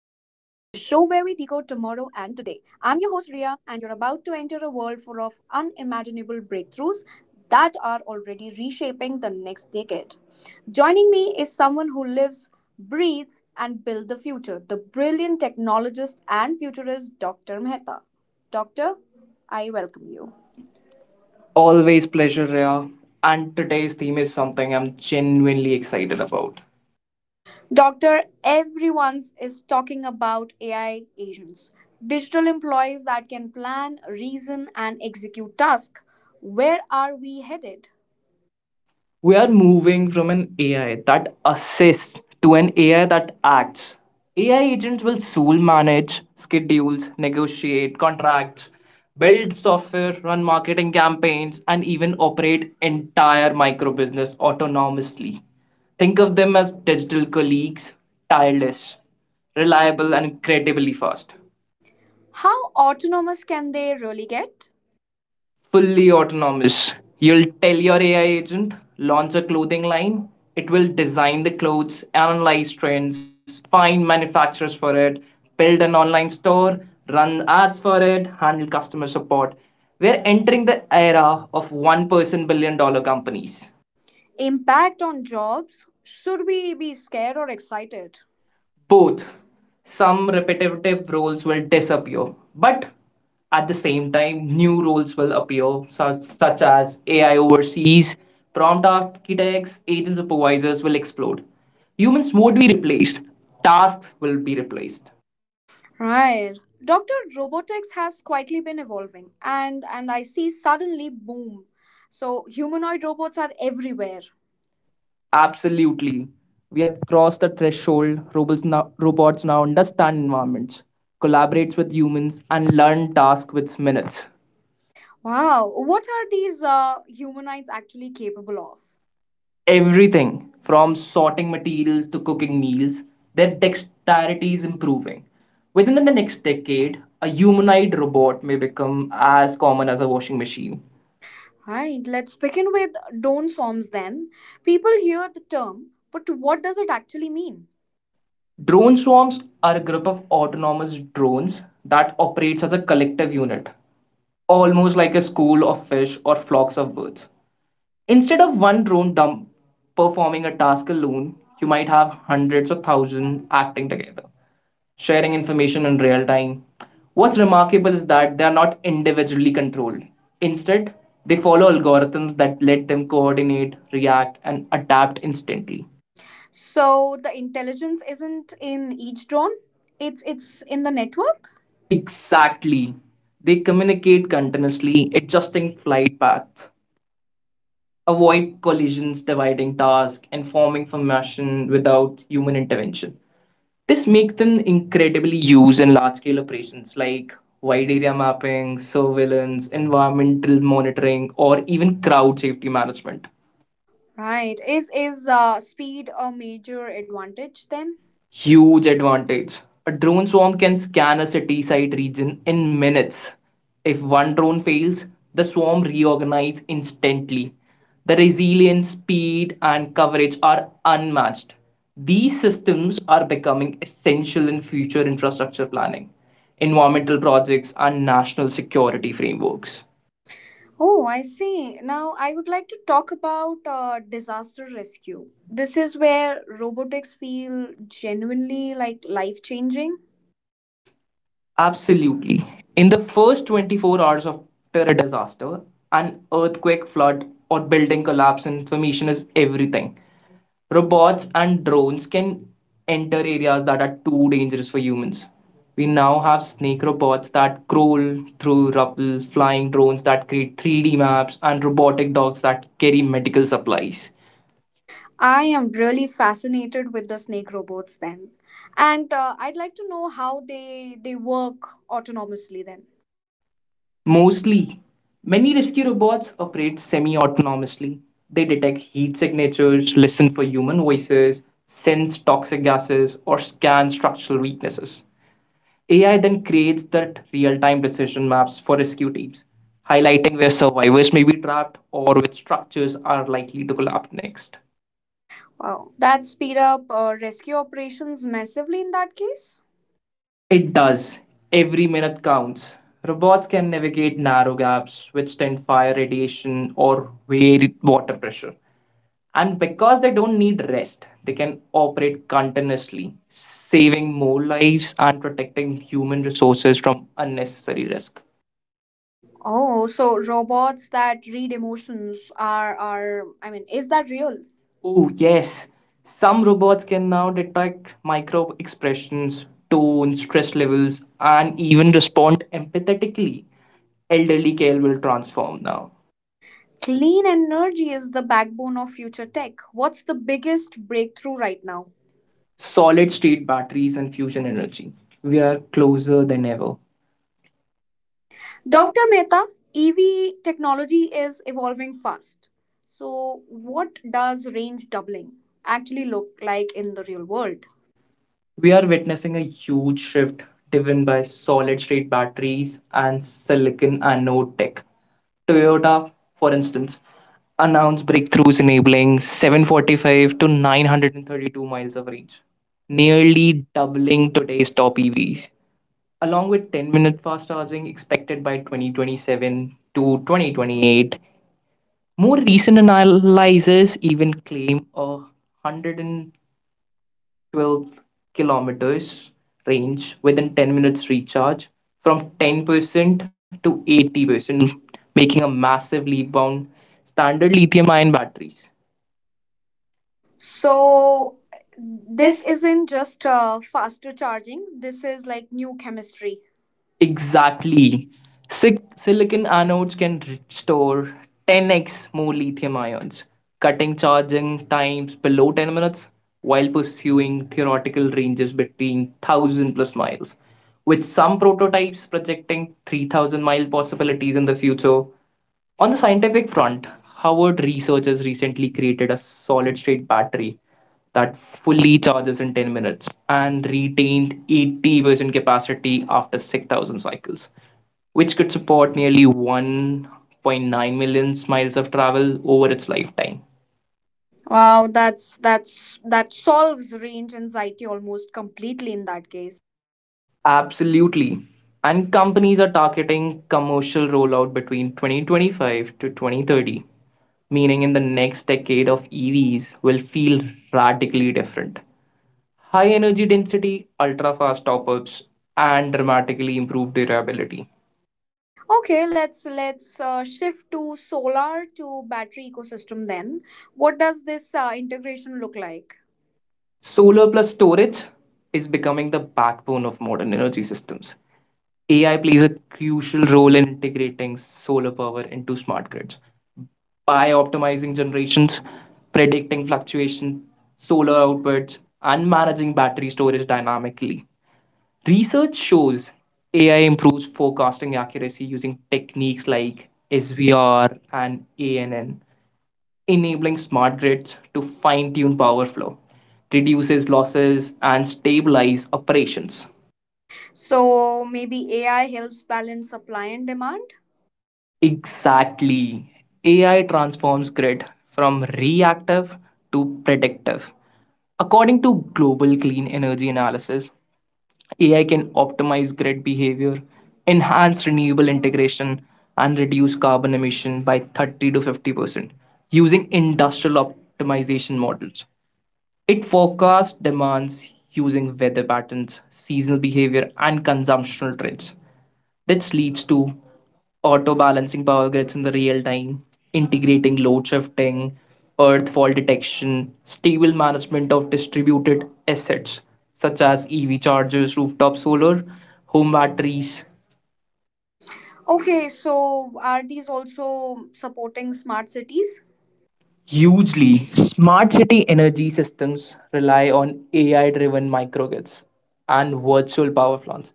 tomorrow and today. I'm your host Ria, and you're about to enter a world full of unimaginable breakthroughs that are already reshaping the next decade. Joining me is someone who lives, breathes, and builds the future, the brilliant technologist and futurist Dr. Mehta. Doctor, I welcome you. Always pleasure, Rhea. And today's theme is something I'm genuinely excited about. Doctor, everyone's is talking about AI agents, digital employees that can plan, reason, and execute tasks. Where are we headed? We are moving from an AI that assists to an AI that acts. AI agents will soon manage schedules, negotiate contracts, build software, run marketing campaigns, and even operate entire micro business autonomously. Think of them as digital colleagues, tireless, reliable, and incredibly fast. How autonomous can they really get? Fully autonomous. You'll tell your AI agent, launch a clothing line, it will design the clothes, analyze trends, find manufacturers for it, build an online store, run ads for it, handle customer support. We're entering the era of one person billion dollar companies. Impact on jobs? Should we be scared or excited? Both some repetitive roles will disappear, but at the same time new roles will appear such as AI overseas, prompt architects, agent supervisors will explode. Humans won't be replaced, tasks will be replaced. Right. Doctor, robotics has quietly been evolving, and I see suddenly boom. So humanoid robots are everywhere. Absolutely. We have crossed the threshold. Robots now understand environments, collaborates with humans and learn tasks with minutes. Wow, what are these humanoids actually capable of? Everything from sorting materials to cooking meals, their dexterity is improving. Within the next decade, a humanoid robot may become as common as a washing machine. Right, let's begin with don'ts forms then. People hear the term, but what does it actually mean? Drone swarms are a group of autonomous drones that operates as a collective unit, almost like a school of fish or flocks of birds. Instead of one drone dump performing a task alone, you might have hundreds of thousands acting together, sharing information in real time. What's remarkable is that they are not individually controlled. Instead, they follow algorithms that let them coordinate, react, and adapt instantly. So the intelligence isn't in each drone, it's in the network. Exactly. They communicate continuously, adjusting flight paths, avoid collisions, dividing tasks, and forming formation without human intervention. This makes them incredibly used in large scale operations like wide area mapping, surveillance, environmental monitoring, or even crowd safety management. Right. Is speed a major advantage Then. then? Huge advantage. A drone swarm can scan a city side region in minutes. If one drone fails, the swarm reorganizes instantly. The resilience, speed, and coverage are unmatched. These systems are becoming essential in future infrastructure planning, environmental projects, and national security frameworks. Oh, I see. Now I would like to talk about disaster rescue. This is where robotics feel genuinely like life changing. Absolutely. In the first 24 hours after a disaster, an earthquake, flood, or building collapse, information is everything. Robots and drones can enter areas that are too dangerous for humans. We now have snake robots that crawl through rubble, flying drones that create 3D maps, and robotic dogs that carry medical supplies. I am really fascinated with the snake robots then. And I'd like to know how they work autonomously then. Mostly, many rescue robots operate semi autonomously. They detect heat signatures, listen for human voices, sense toxic gases, or scan structural weaknesses. AI then creates that real time decision maps for rescue teams, highlighting where survivors may be trapped or which structures are likely to collapse next. Wow, that speed up rescue operations massively in that case. It does. Every minute counts. Robots can navigate narrow gaps, withstand fire radiation, or vary water pressure. And because they don't need rest, they can operate continuously, saving more lives and protecting human resources from unnecessary risk. Oh, so robots that read emotions are, is that real? Oh yes. Some robots can now detect micro expressions, tone, stress levels and even respond empathetically. Elderly care will transform now. Clean energy is the backbone of future tech. What's the biggest breakthrough right now? Solid state batteries and fusion energy. We are closer than ever. Dr. Mehta, EV technology is evolving fast. So, what does range doubling actually look like in the real world? We are witnessing a huge shift driven by solid state batteries and silicon anode tech. Toyota, for instance, announced breakthroughs enabling 745 to 932 miles of range, nearly doubling today's top EVs. Along with 10-minute fast charging expected by 2027 to 2028, more recent analyses even claim a 100 12 kilometers range within 10 minutes recharge from 10% to 80%, making a massive leap bound standard lithium ion batteries. So, So this this isn't just faster charging. This is like new chemistry. Ex- Exactly. Silicon anodes can store 10x more lithium ions, cutting charging times below 10 minutes while pursuing theoretical ranges between 1,000 plus miles. With some prototypes projecting 3,000 mile possibilities in the future, on the scientific front, Harvard researchers recently created a solid state battery that fully charges in 10 minutes and retained 80% capacity after 6,000 cycles, which could support nearly 1.9 million miles of travel over its lifetime. Wow. Wow, that's that solves range anxiety almost completely in that case. Absolutely. And companies are targeting commercial rollout between 2025 to 2030, meaning in the next decade of EVs will feel radically different. High energy density, ultra fast top ups, and dramatically improved durability. Okay, let's shift to solar to battery ecosystem then. What does this integration look like? Solar plus storage is becoming the backbone of modern energy systems. AI plays a crucial role in integrating solar power into smart grids by optimizing generations, predicting fluctuation, solar outputs, and managing battery storage dynamically. Research shows AI improves forecasting accuracy using techniques like SVR and ANN, enabling smart grids to fine tune power flow, reduces losses, and stabilize operations. So maybe AI helps balance supply and demand. Exactly. AI transforms grid from reactive to predictive. According to global clean energy analysis, AI can optimize grid behavior, enhance renewable integration, and reduce carbon emission by 30 to 50% using industrial optimization models. It forecasts demands using weather patterns, seasonal behavior, and consumptional trends. This leads to auto balancing power grids in the real time, integrating load shifting, earth fault detection, stable management of distributed assets such as EV chargers, rooftop solar, home batteries. Okay, so are these also supporting smart cities? Hugely. Smart city energy systems rely on AI driven microgrids and virtual power plants.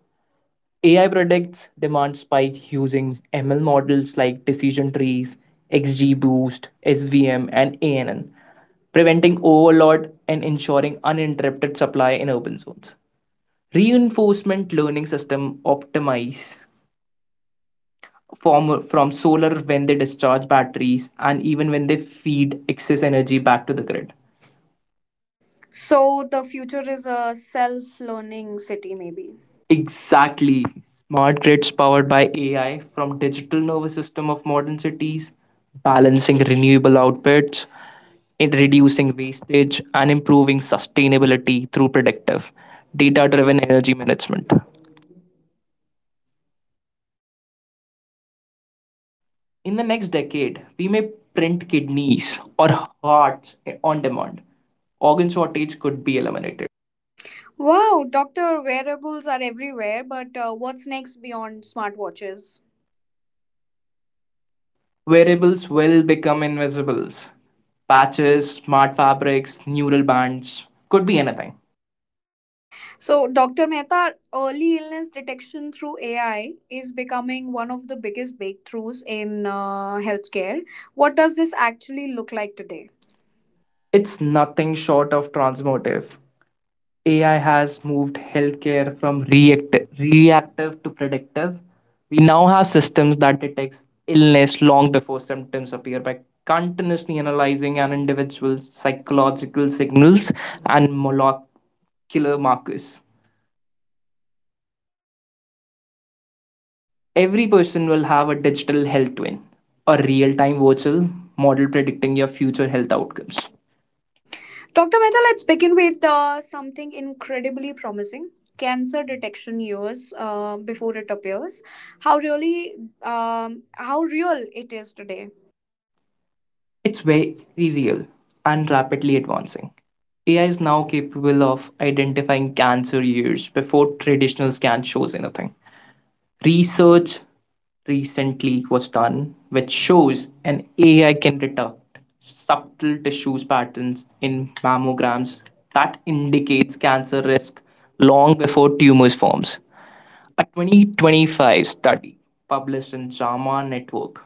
AI predicts demand spikes using ML models like decision trees, XGBoost, SVM, and ANN, preventing overload and ensuring uninterrupted supply in urban zones. Reinforcement learning system optimize from solar when they discharge batteries and even when they feed excess energy back to the grid. So the future is a self-learning city, maybe. Exactly. Smart grids powered by AI from digital nervous system of modern cities, balancing renewable outputs in reducing wastage and improving sustainability through predictive, data driven energy management. In the next decade, we may print kidneys or hearts on demand. Organ shortage could be eliminated. Wow, doctor, wearables are everywhere, but what's next beyond smartwatches? Wearables will become invisibles. Patches, smart fabrics, neural bands could be anything. So, Dr. Mehta, early illness detection through AI is becoming one of the biggest breakthroughs in healthcare. What does this actually look like today? It's nothing short of transformative. AI has moved healthcare from reactive to predictive. We now have systems that detects illness long before symptoms appear by continuously analyzing an individual's psychological signals and molecular markers. Every person will have a digital health twin, a real-time virtual model predicting your future health outcomes. Dr. Mehta, let's begin with something incredibly promising cancer detection years before it appears. How really, how real it is today. It's very real and rapidly advancing. AI is now capable of identifying cancer years before traditional scan shows anything. Research recently was done which shows an AI can detect subtle tissues patterns in mammograms that indicates cancer risk long before tumors forms. A 2025 study published in JAMA Network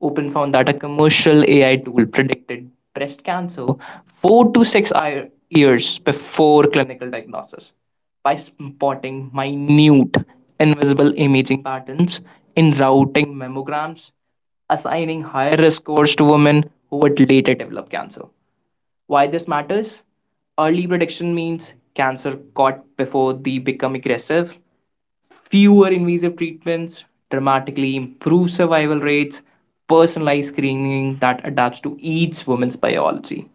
Open found that a commercial AI tool predicted breast cancer 4 to 6 years before clinical diagnosis by spotting minute invisible imaging patterns in routing mammograms, assigning higher risk scores to women who would later develop cancer. Why this matters? Early prediction means cancer caught before they become aggressive. Fewer invasive treatments, dramatically improved survival rates, personalized screening that adapts to each woman's biology.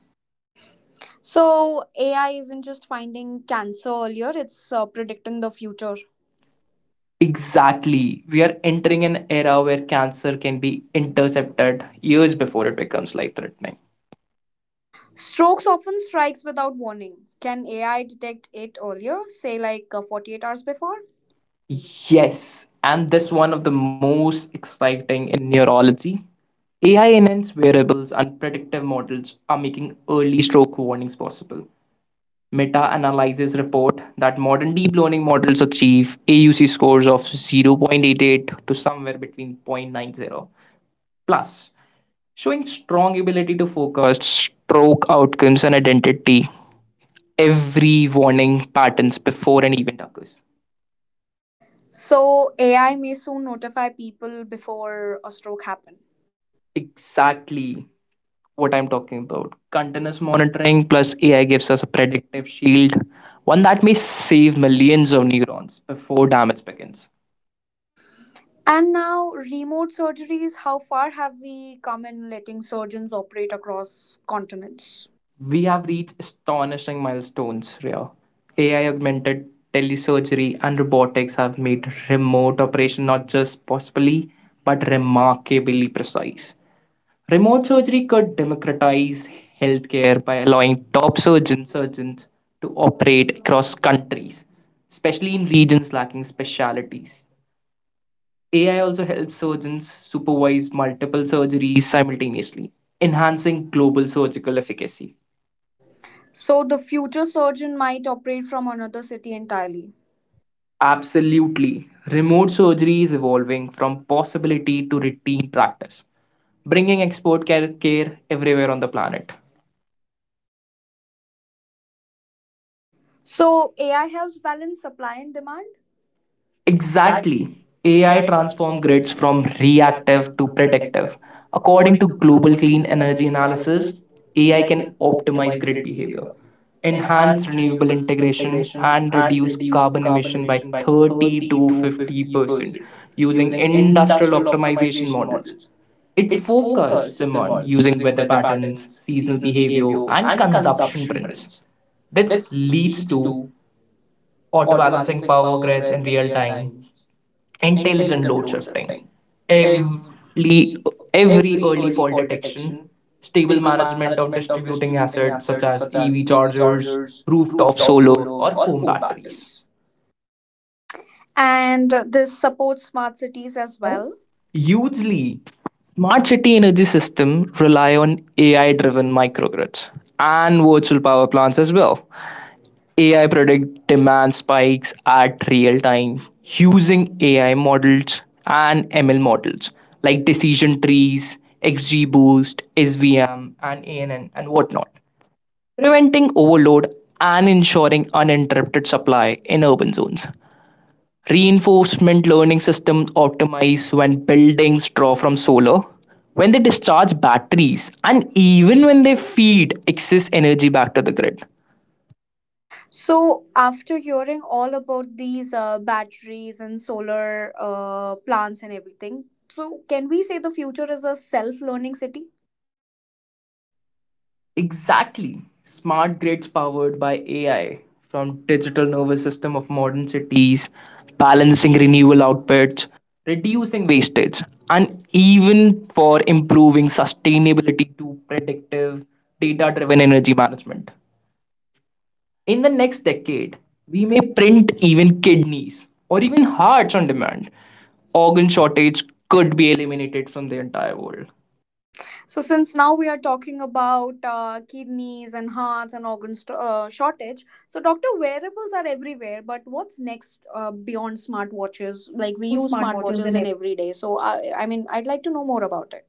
So, AI isn't just finding cancer earlier, it's predicting the future. Exactly. We are entering an era where cancer can be intercepted years before it becomes life threatening. Strokes often strikes without warning. Can AI detect it earlier, say like 48 hours before? Yes, and this one of the most exciting in neurology. AI enhanced wearables and predictive models are making early stroke warnings possible. Meta-analysis report that modern deep learning models achieve AUC scores of 0.88 to somewhere between 0.90 plus, showing strong ability to focus stroke outcomes and identity every warning patterns before an event occurs. So, AI may soon notify people before a stroke happen. Exactly what I'm talking about. Continuous monitoring plus AI gives us a predictive shield, one that may save millions of neurons before damage begins. And now, remote surgeries, how far have we come in letting surgeons operate across continents? We have reached astonishing milestones here. AI augmented telesurgery and robotics have made remote operation not just possibly but remarkably precise. Remote surgery could democratize healthcare by allowing top surgeons to operate across countries, especially in regions lacking specialties. AI also helps surgeons supervise multiple surgeries simultaneously, enhancing global surgical efficacy. So, the future surgeon might operate from another city entirely. Absolutely. Remote surgery is evolving from possibility to routine practice, bringing expert care everywhere on the planet. So, AI helps balance supply and demand? Exactly. Exactly. AI AI transformed transformed grids grids from from reactive reactive to to predictive. predictive. According According to to Global Global Clean Clean Energy Energy Analysis, Analysis, AI AI can can optimize optimize grid grid behavior, behavior, enhance enhance renewable renewable integration, integration, and and reduce reduce carbon carbon emission emission by by 30 30 to to 50% 50% using using industrial industrial optimization optimization models. models. It It forecasts focuses on demand using using weather weather patterns, patterns, seasonal seasonal behavior, behavior, and and consumption consumption trends. trends. This This leads leads to to auto auto balancing balancing power power grids grids in in real real time, time, intelligent intelligent load load shifting, shifting, every, every, every every early early fault fault detection, detection, stable stable management management of of distributing distributing assets assets such such as as EV EV chargers, chargers, rooftop rooftop solar, solar, or or home home batteries. batteries. And this supports smart cities as Well, well. hugely, smart city energy systems rely on AI driven microgrids and virtual power plants as well. AI predict demand spikes at real time using AI models and ML models like decision trees, XGBoost, SVM, and ANN, and whatnot, preventing overload and ensuring uninterrupted supply in urban zones. Reinforcement learning systems optimize when buildings draw from solar, when they discharge batteries, and even when they feed excess energy back to the grid. So, after hearing all about these batteries and solar plants and everything, so can we say the future is a self learning city? Exactly. Smart grids powered by AI from digital nervous system of modern cities, balancing renewable outputs, reducing wastage, and even for improving sustainability to predictive data-driven energy management. In the next decade, we may print even kidneys or even hearts on demand. Organ shortage could be eliminated from the entire world. So, since now we are talking about kidneys and hearts and organ shortage, so doctor, wearables are everywhere. But what's next beyond smartwatches? Like we Like we use use smartwatches smartwatches in in every day. So, I mean, I'd like to know more about it.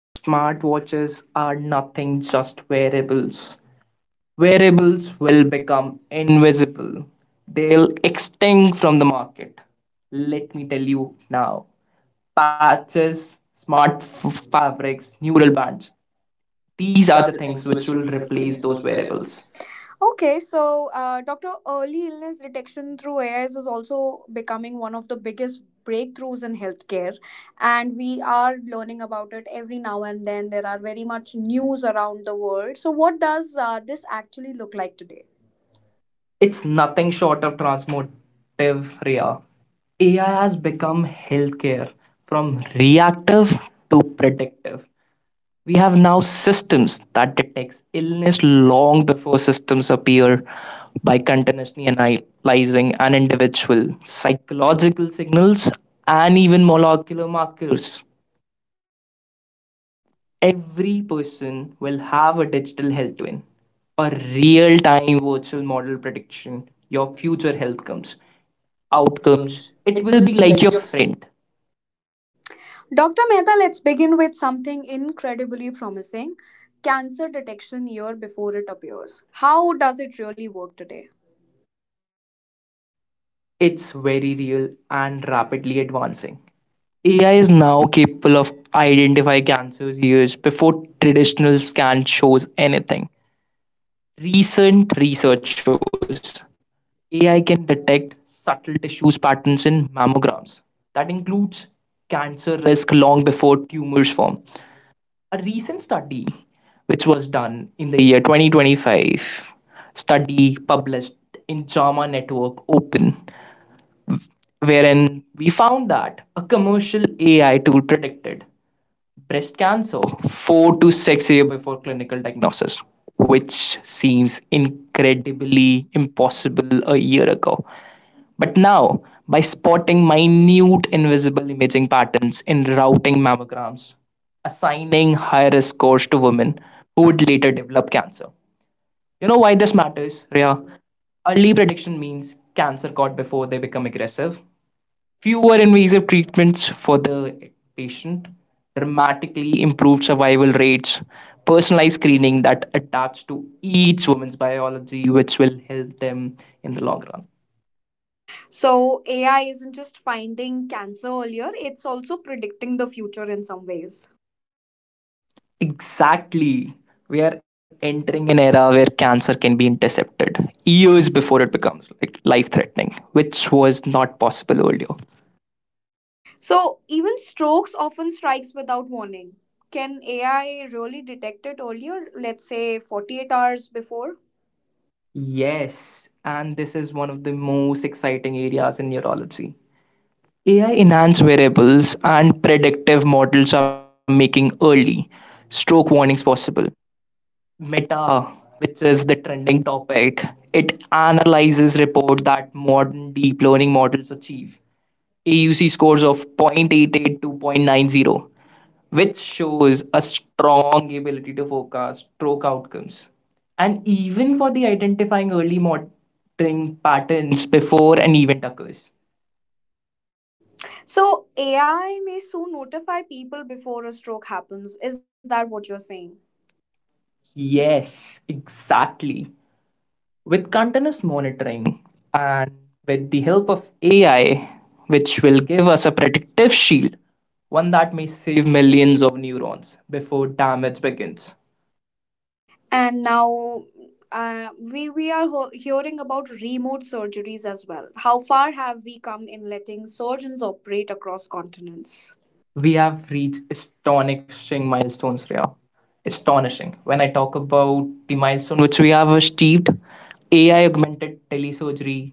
Smartwatches are nothing just wearables. Wearables will become invisible. They'll extinct from the market. Let me tell you now. Patches, smart fabrics, neural bands. These These are the are the things things which which will will replace replace those those wearables. variables. Okay, so Doctor, early illness detection through AI is also becoming one of the biggest breakthroughs in healthcare, and we are learning about it every now and then. There are very much news around the world. So, what does this actually look like today? It's nothing short of transformative, Ria. AI has become healthcare from reactive to predictive. We have now systems that detects illness long before systems appear by continuously analyzing an individual psychological signals and even molecular markers. Every person will have a digital health twin, a real-time virtual model prediction your future health comes outcomes. Outcomes. It It will will be be like your like your friend. Dr. Mehta, let's begin with something incredibly promising cancer detection year before it appears. How does it really work today? It's very real and rapidly advancing. AI is now capable of identifying cancers years before traditional scan shows anything. Recent research shows AI can detect subtle tissues patterns in mammograms. That includes cancer risk long before tumors form. A recent study which was done in the year 2025, study published in JAMA Network Open, wherein we found that a commercial AI tool predicted breast cancer 4 to 6 years before clinical diagnosis, which seems incredibly impossible a year ago. But now, by spotting minute invisible imaging patterns in routing mammograms, assigning high risk scores to women who would later develop cancer. You know why this matters, Rhea? Early prediction means cancer caught before they become aggressive, fewer invasive treatments for the patient, dramatically improved survival rates, personalized screening that adapts to each woman's biology, which will help them in the long run. So AI isn't just finding cancer earlier, it's also predicting the future in some ways. Exactly. We are entering an era where cancer can be intercepted years before it becomes like life threatening, which was not possible earlier. So even strokes often strikes without warning. Can AI really detect it earlier, let's say 48 hours before? Yes, and this is one of the most exciting areas in neurology. AI enhanced variables and predictive models are making early stroke warnings possible. Meta, which is the trending topic, it analyzes report that modern deep learning models achieve AUC scores of 0.88 to 0.90, which shows a strong ability to forecast stroke outcomes. And even for the identifying early monitoring patterns before an event occurs. So AI may soon notify people before a stroke happens. Is that what you're saying? Yes, exactly. With continuous monitoring and with the help of AI, which will give us a predictive shield, one that may save millions of neurons before damage begins. And now we are hearing about remote surgeries as well. How far have we come in letting surgeons operate across continents? We have reached astonishing milestones, Rhea. Astonishing. When I talk about the milestone which we have achieved, AI augmented telesurgery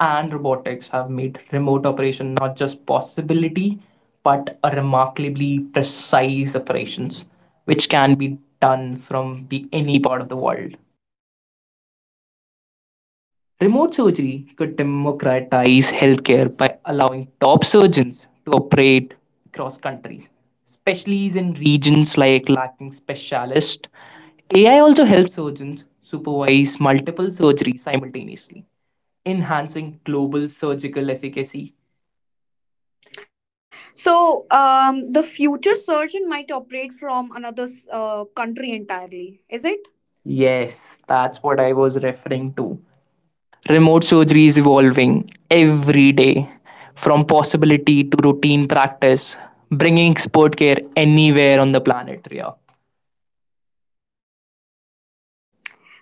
and robotics have made remote operation not just possibility but a remarkably precise operations which can be done from the any part of the world. Remote surgery could democratize healthcare by allowing top surgeons to operate across countries, especially in regions like lacking specialists. AI also helps surgeons supervise multiple surgeries simultaneously, enhancing global surgical efficacy. So the future surgeon might operate from another country entirely, is it? Yes, that's what I was referring to. Remote surgery is evolving every day from possibility to routine practice, bringing expert care anywhere on the planet, Ria.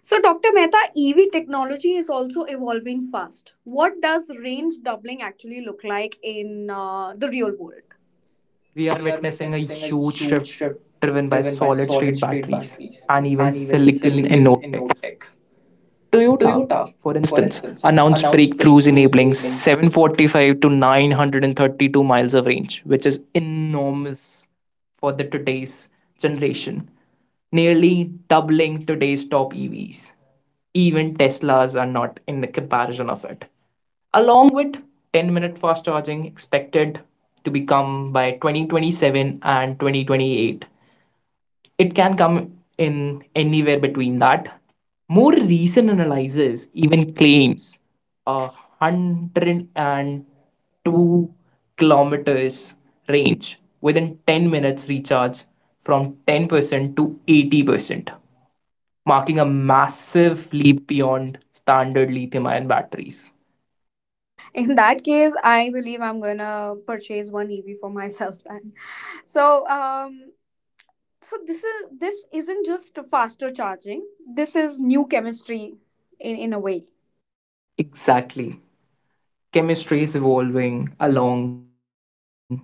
So Dr. Mehta, EV technology is also evolving fast. What does range doubling actually look like in the real world? We are We are witnessing a witnessing a huge huge shift shift driven by driven by solid solid state state batteries batteries and and even even silicon in silicon in note node tech. tech. Toyota, Toyota, for for instance, instance, announced announced breakthroughs breakthroughs enabling enabling 745 to 932 miles of range, which is enormous for the today's generation, nearly doubling today's top EVs. Even Teslas are not in the comparison of it. Along with 10-minute fast charging expected to become by 2027 and 2028, it can come in anywhere between that. More recent analysis even claims 102 kilometers range within 10 minutes recharge from 10% to 80%, marking a massive leap beyond standard lithium ion batteries. in that case, I believe I'm gonna purchase one EV for myself then. So um so this isn't just faster charging. This is new chemistry in a way. Exactly. Chemistry is evolving along with AI.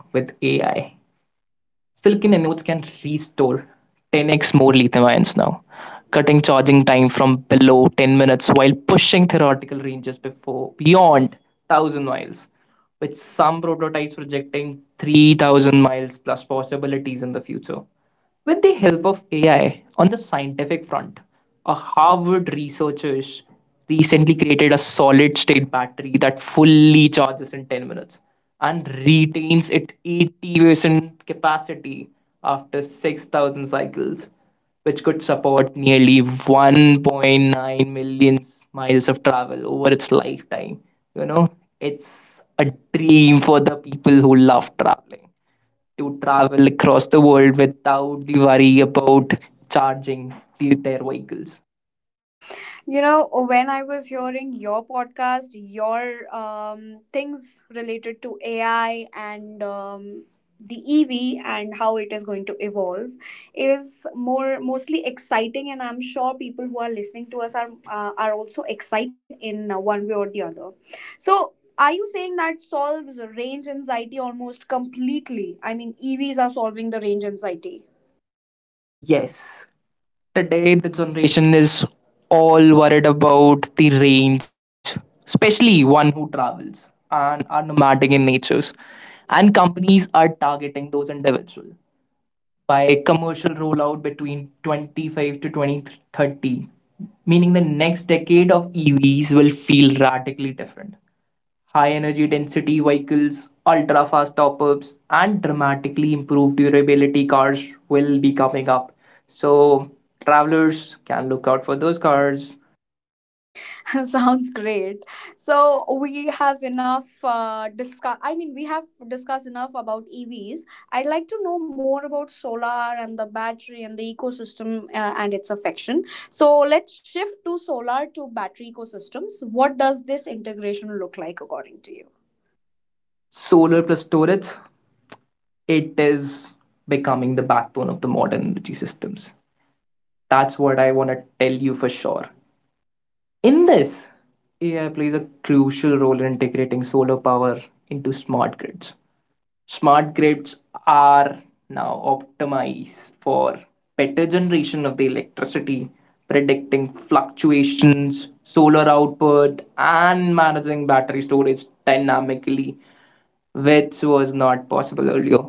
Silicon anodes can restore 10x more lithium ions now, cutting charging time from below 10 minutes while pushing theoretical ranges before beyond 1,000 miles, with some prototypes projecting 3,000 miles plus possibilities in the future. With the help of AI on the scientific front, a Harvard researchers recently created a solid state battery that fully charges in 10 minutes and retains its 80% capacity after 6,000 cycles, which could support nearly 1.9 million miles of travel over its lifetime. You know, it's a dream for the people who love traveling to travel across the world without the worry about charging their vehicles. You know, when I was hearing your podcast, your things related to AI and the EV and how it is going to evolve, it is more mostly exciting, and I'm sure people who are listening to us are also excited in one way or the other. So, are you saying that solves range anxiety almost completely? I mean, EVs are solving the range anxiety. Yes, today the generation is all worried about the range, especially one who travels and are nomadic in natures. And companies are targeting those individuals by commercial rollout between 25 to 2030, meaning the next decade of EVs will feel radically different. High energy density vehicles, ultra fast top ups, and dramatically improved durability cars will be coming up. So, travelers can look out for those cars. Sounds great. So we have enough we have discussed enough about EVs. I'd like to know more about solar and the battery and the ecosystem and its affection. So let's shift to solar to battery ecosystems. What does this integration look like according to you? Solar plus storage, it is becoming the backbone of the modern energy systems. That's what I want to tell you for sure. In this, AI plays a crucial role in integrating solar power into smart grids. Smart grids are now optimized for better generation of the electricity, predicting fluctuations, solar output, and managing battery storage dynamically, which was not possible earlier.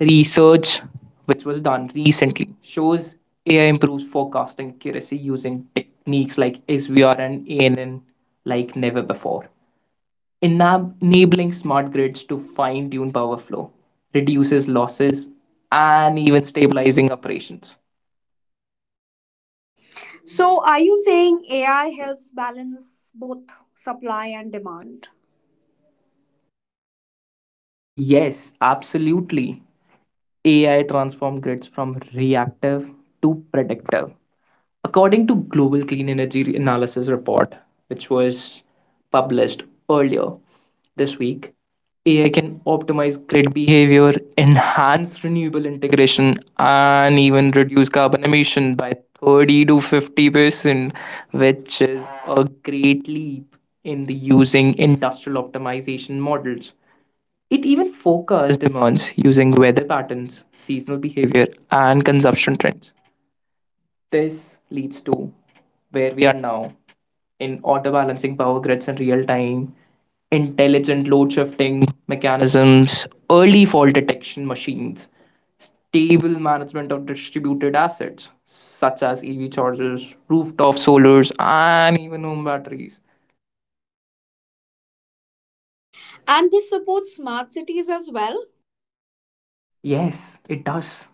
Research, which was done recently, shows AI improves forecasting accuracy using techniques like SVR and ANN like never before. Enabling smart grids to fine tune power flow, reduces losses, and even stabilizing operations. So are you saying AI helps balance both supply and demand? Yes, absolutely. AI transformed grids from reactive to predictive. According to Global Clean Energy Analysis Report, which was published earlier this week, AI can optimize grid behavior, enhance renewable integration, and even reduce carbon emission by 30 to 50%, which is a great leap in the using industrial optimization models. It even forecasts demands using weather patterns, seasonal behavior, and consumption trends. This leads to where we are now in auto balancing power grids in real time, intelligent load shifting mechanisms, early fault detection machines, stable management of distributed assets such as EV chargers, rooftop solars, and even home batteries. And this supports smart cities as well? Yes, it does.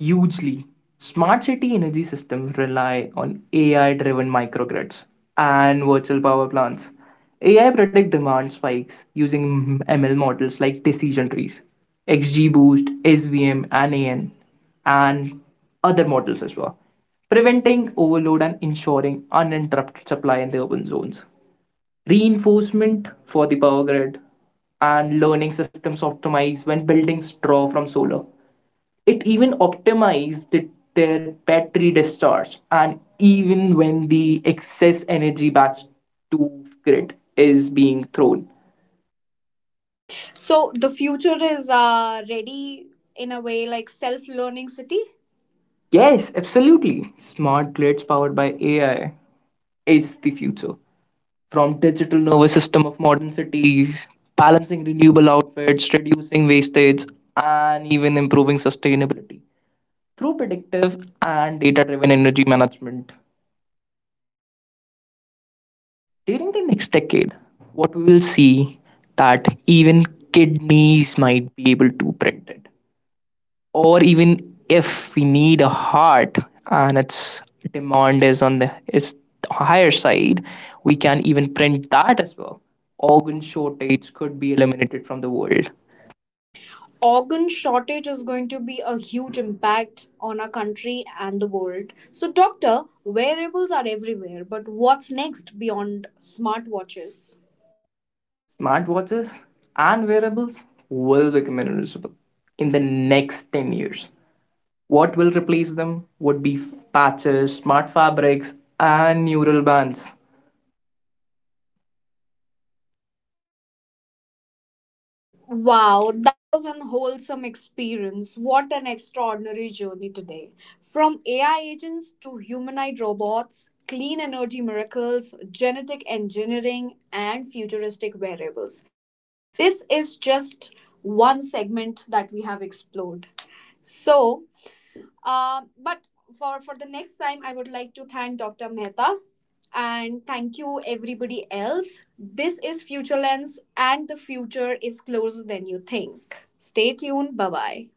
Hugely, smart city energy systems rely on AI driven microgrids and virtual power plants. AI predict demand spikes using ML models like decision trees, XGBoost, SVM, and AN, and other models as well, preventing overload and ensuring uninterrupted supply in the urban zones. Reinforcement for the power grid and learning systems optimized when building straw from solar, it even optimized their battery discharge and even when the excess energy back to grid is being thrown. So the future is ready in a way like self learning city. Yes, absolutely. Smart grids powered by AI is the future. From digital nervous system of modern cities, balancing renewable outputs, reducing wastage, and even improving sustainability through predictive and data driven energy management. During the next decade, what we will see that even kidneys might be able to print it. Or even if we need a heart and its demand is on the its higher side, we can even print that as well. Organ shortage could be eliminated from the world. Organ shortage is going to be a huge impact on our country and the world. So, doctor, wearables are everywhere, but what's next beyond smartwatches? Smartwatches and wearables will become invisible in the next 10 years. What will replace them would be patches, smart fabrics, and neural bands. Wow, that was an wholesome experience. What an extraordinary journey today. From AI agents to humanoid robots, clean energy miracles, genetic engineering, and futuristic variables. This is just one segment that we have explored. So, but for the next time, I would like to thank Dr. Mehta and thank you everybody else. This is Future Lens, and the future is closer than you think. Stay tuned. Bye bye.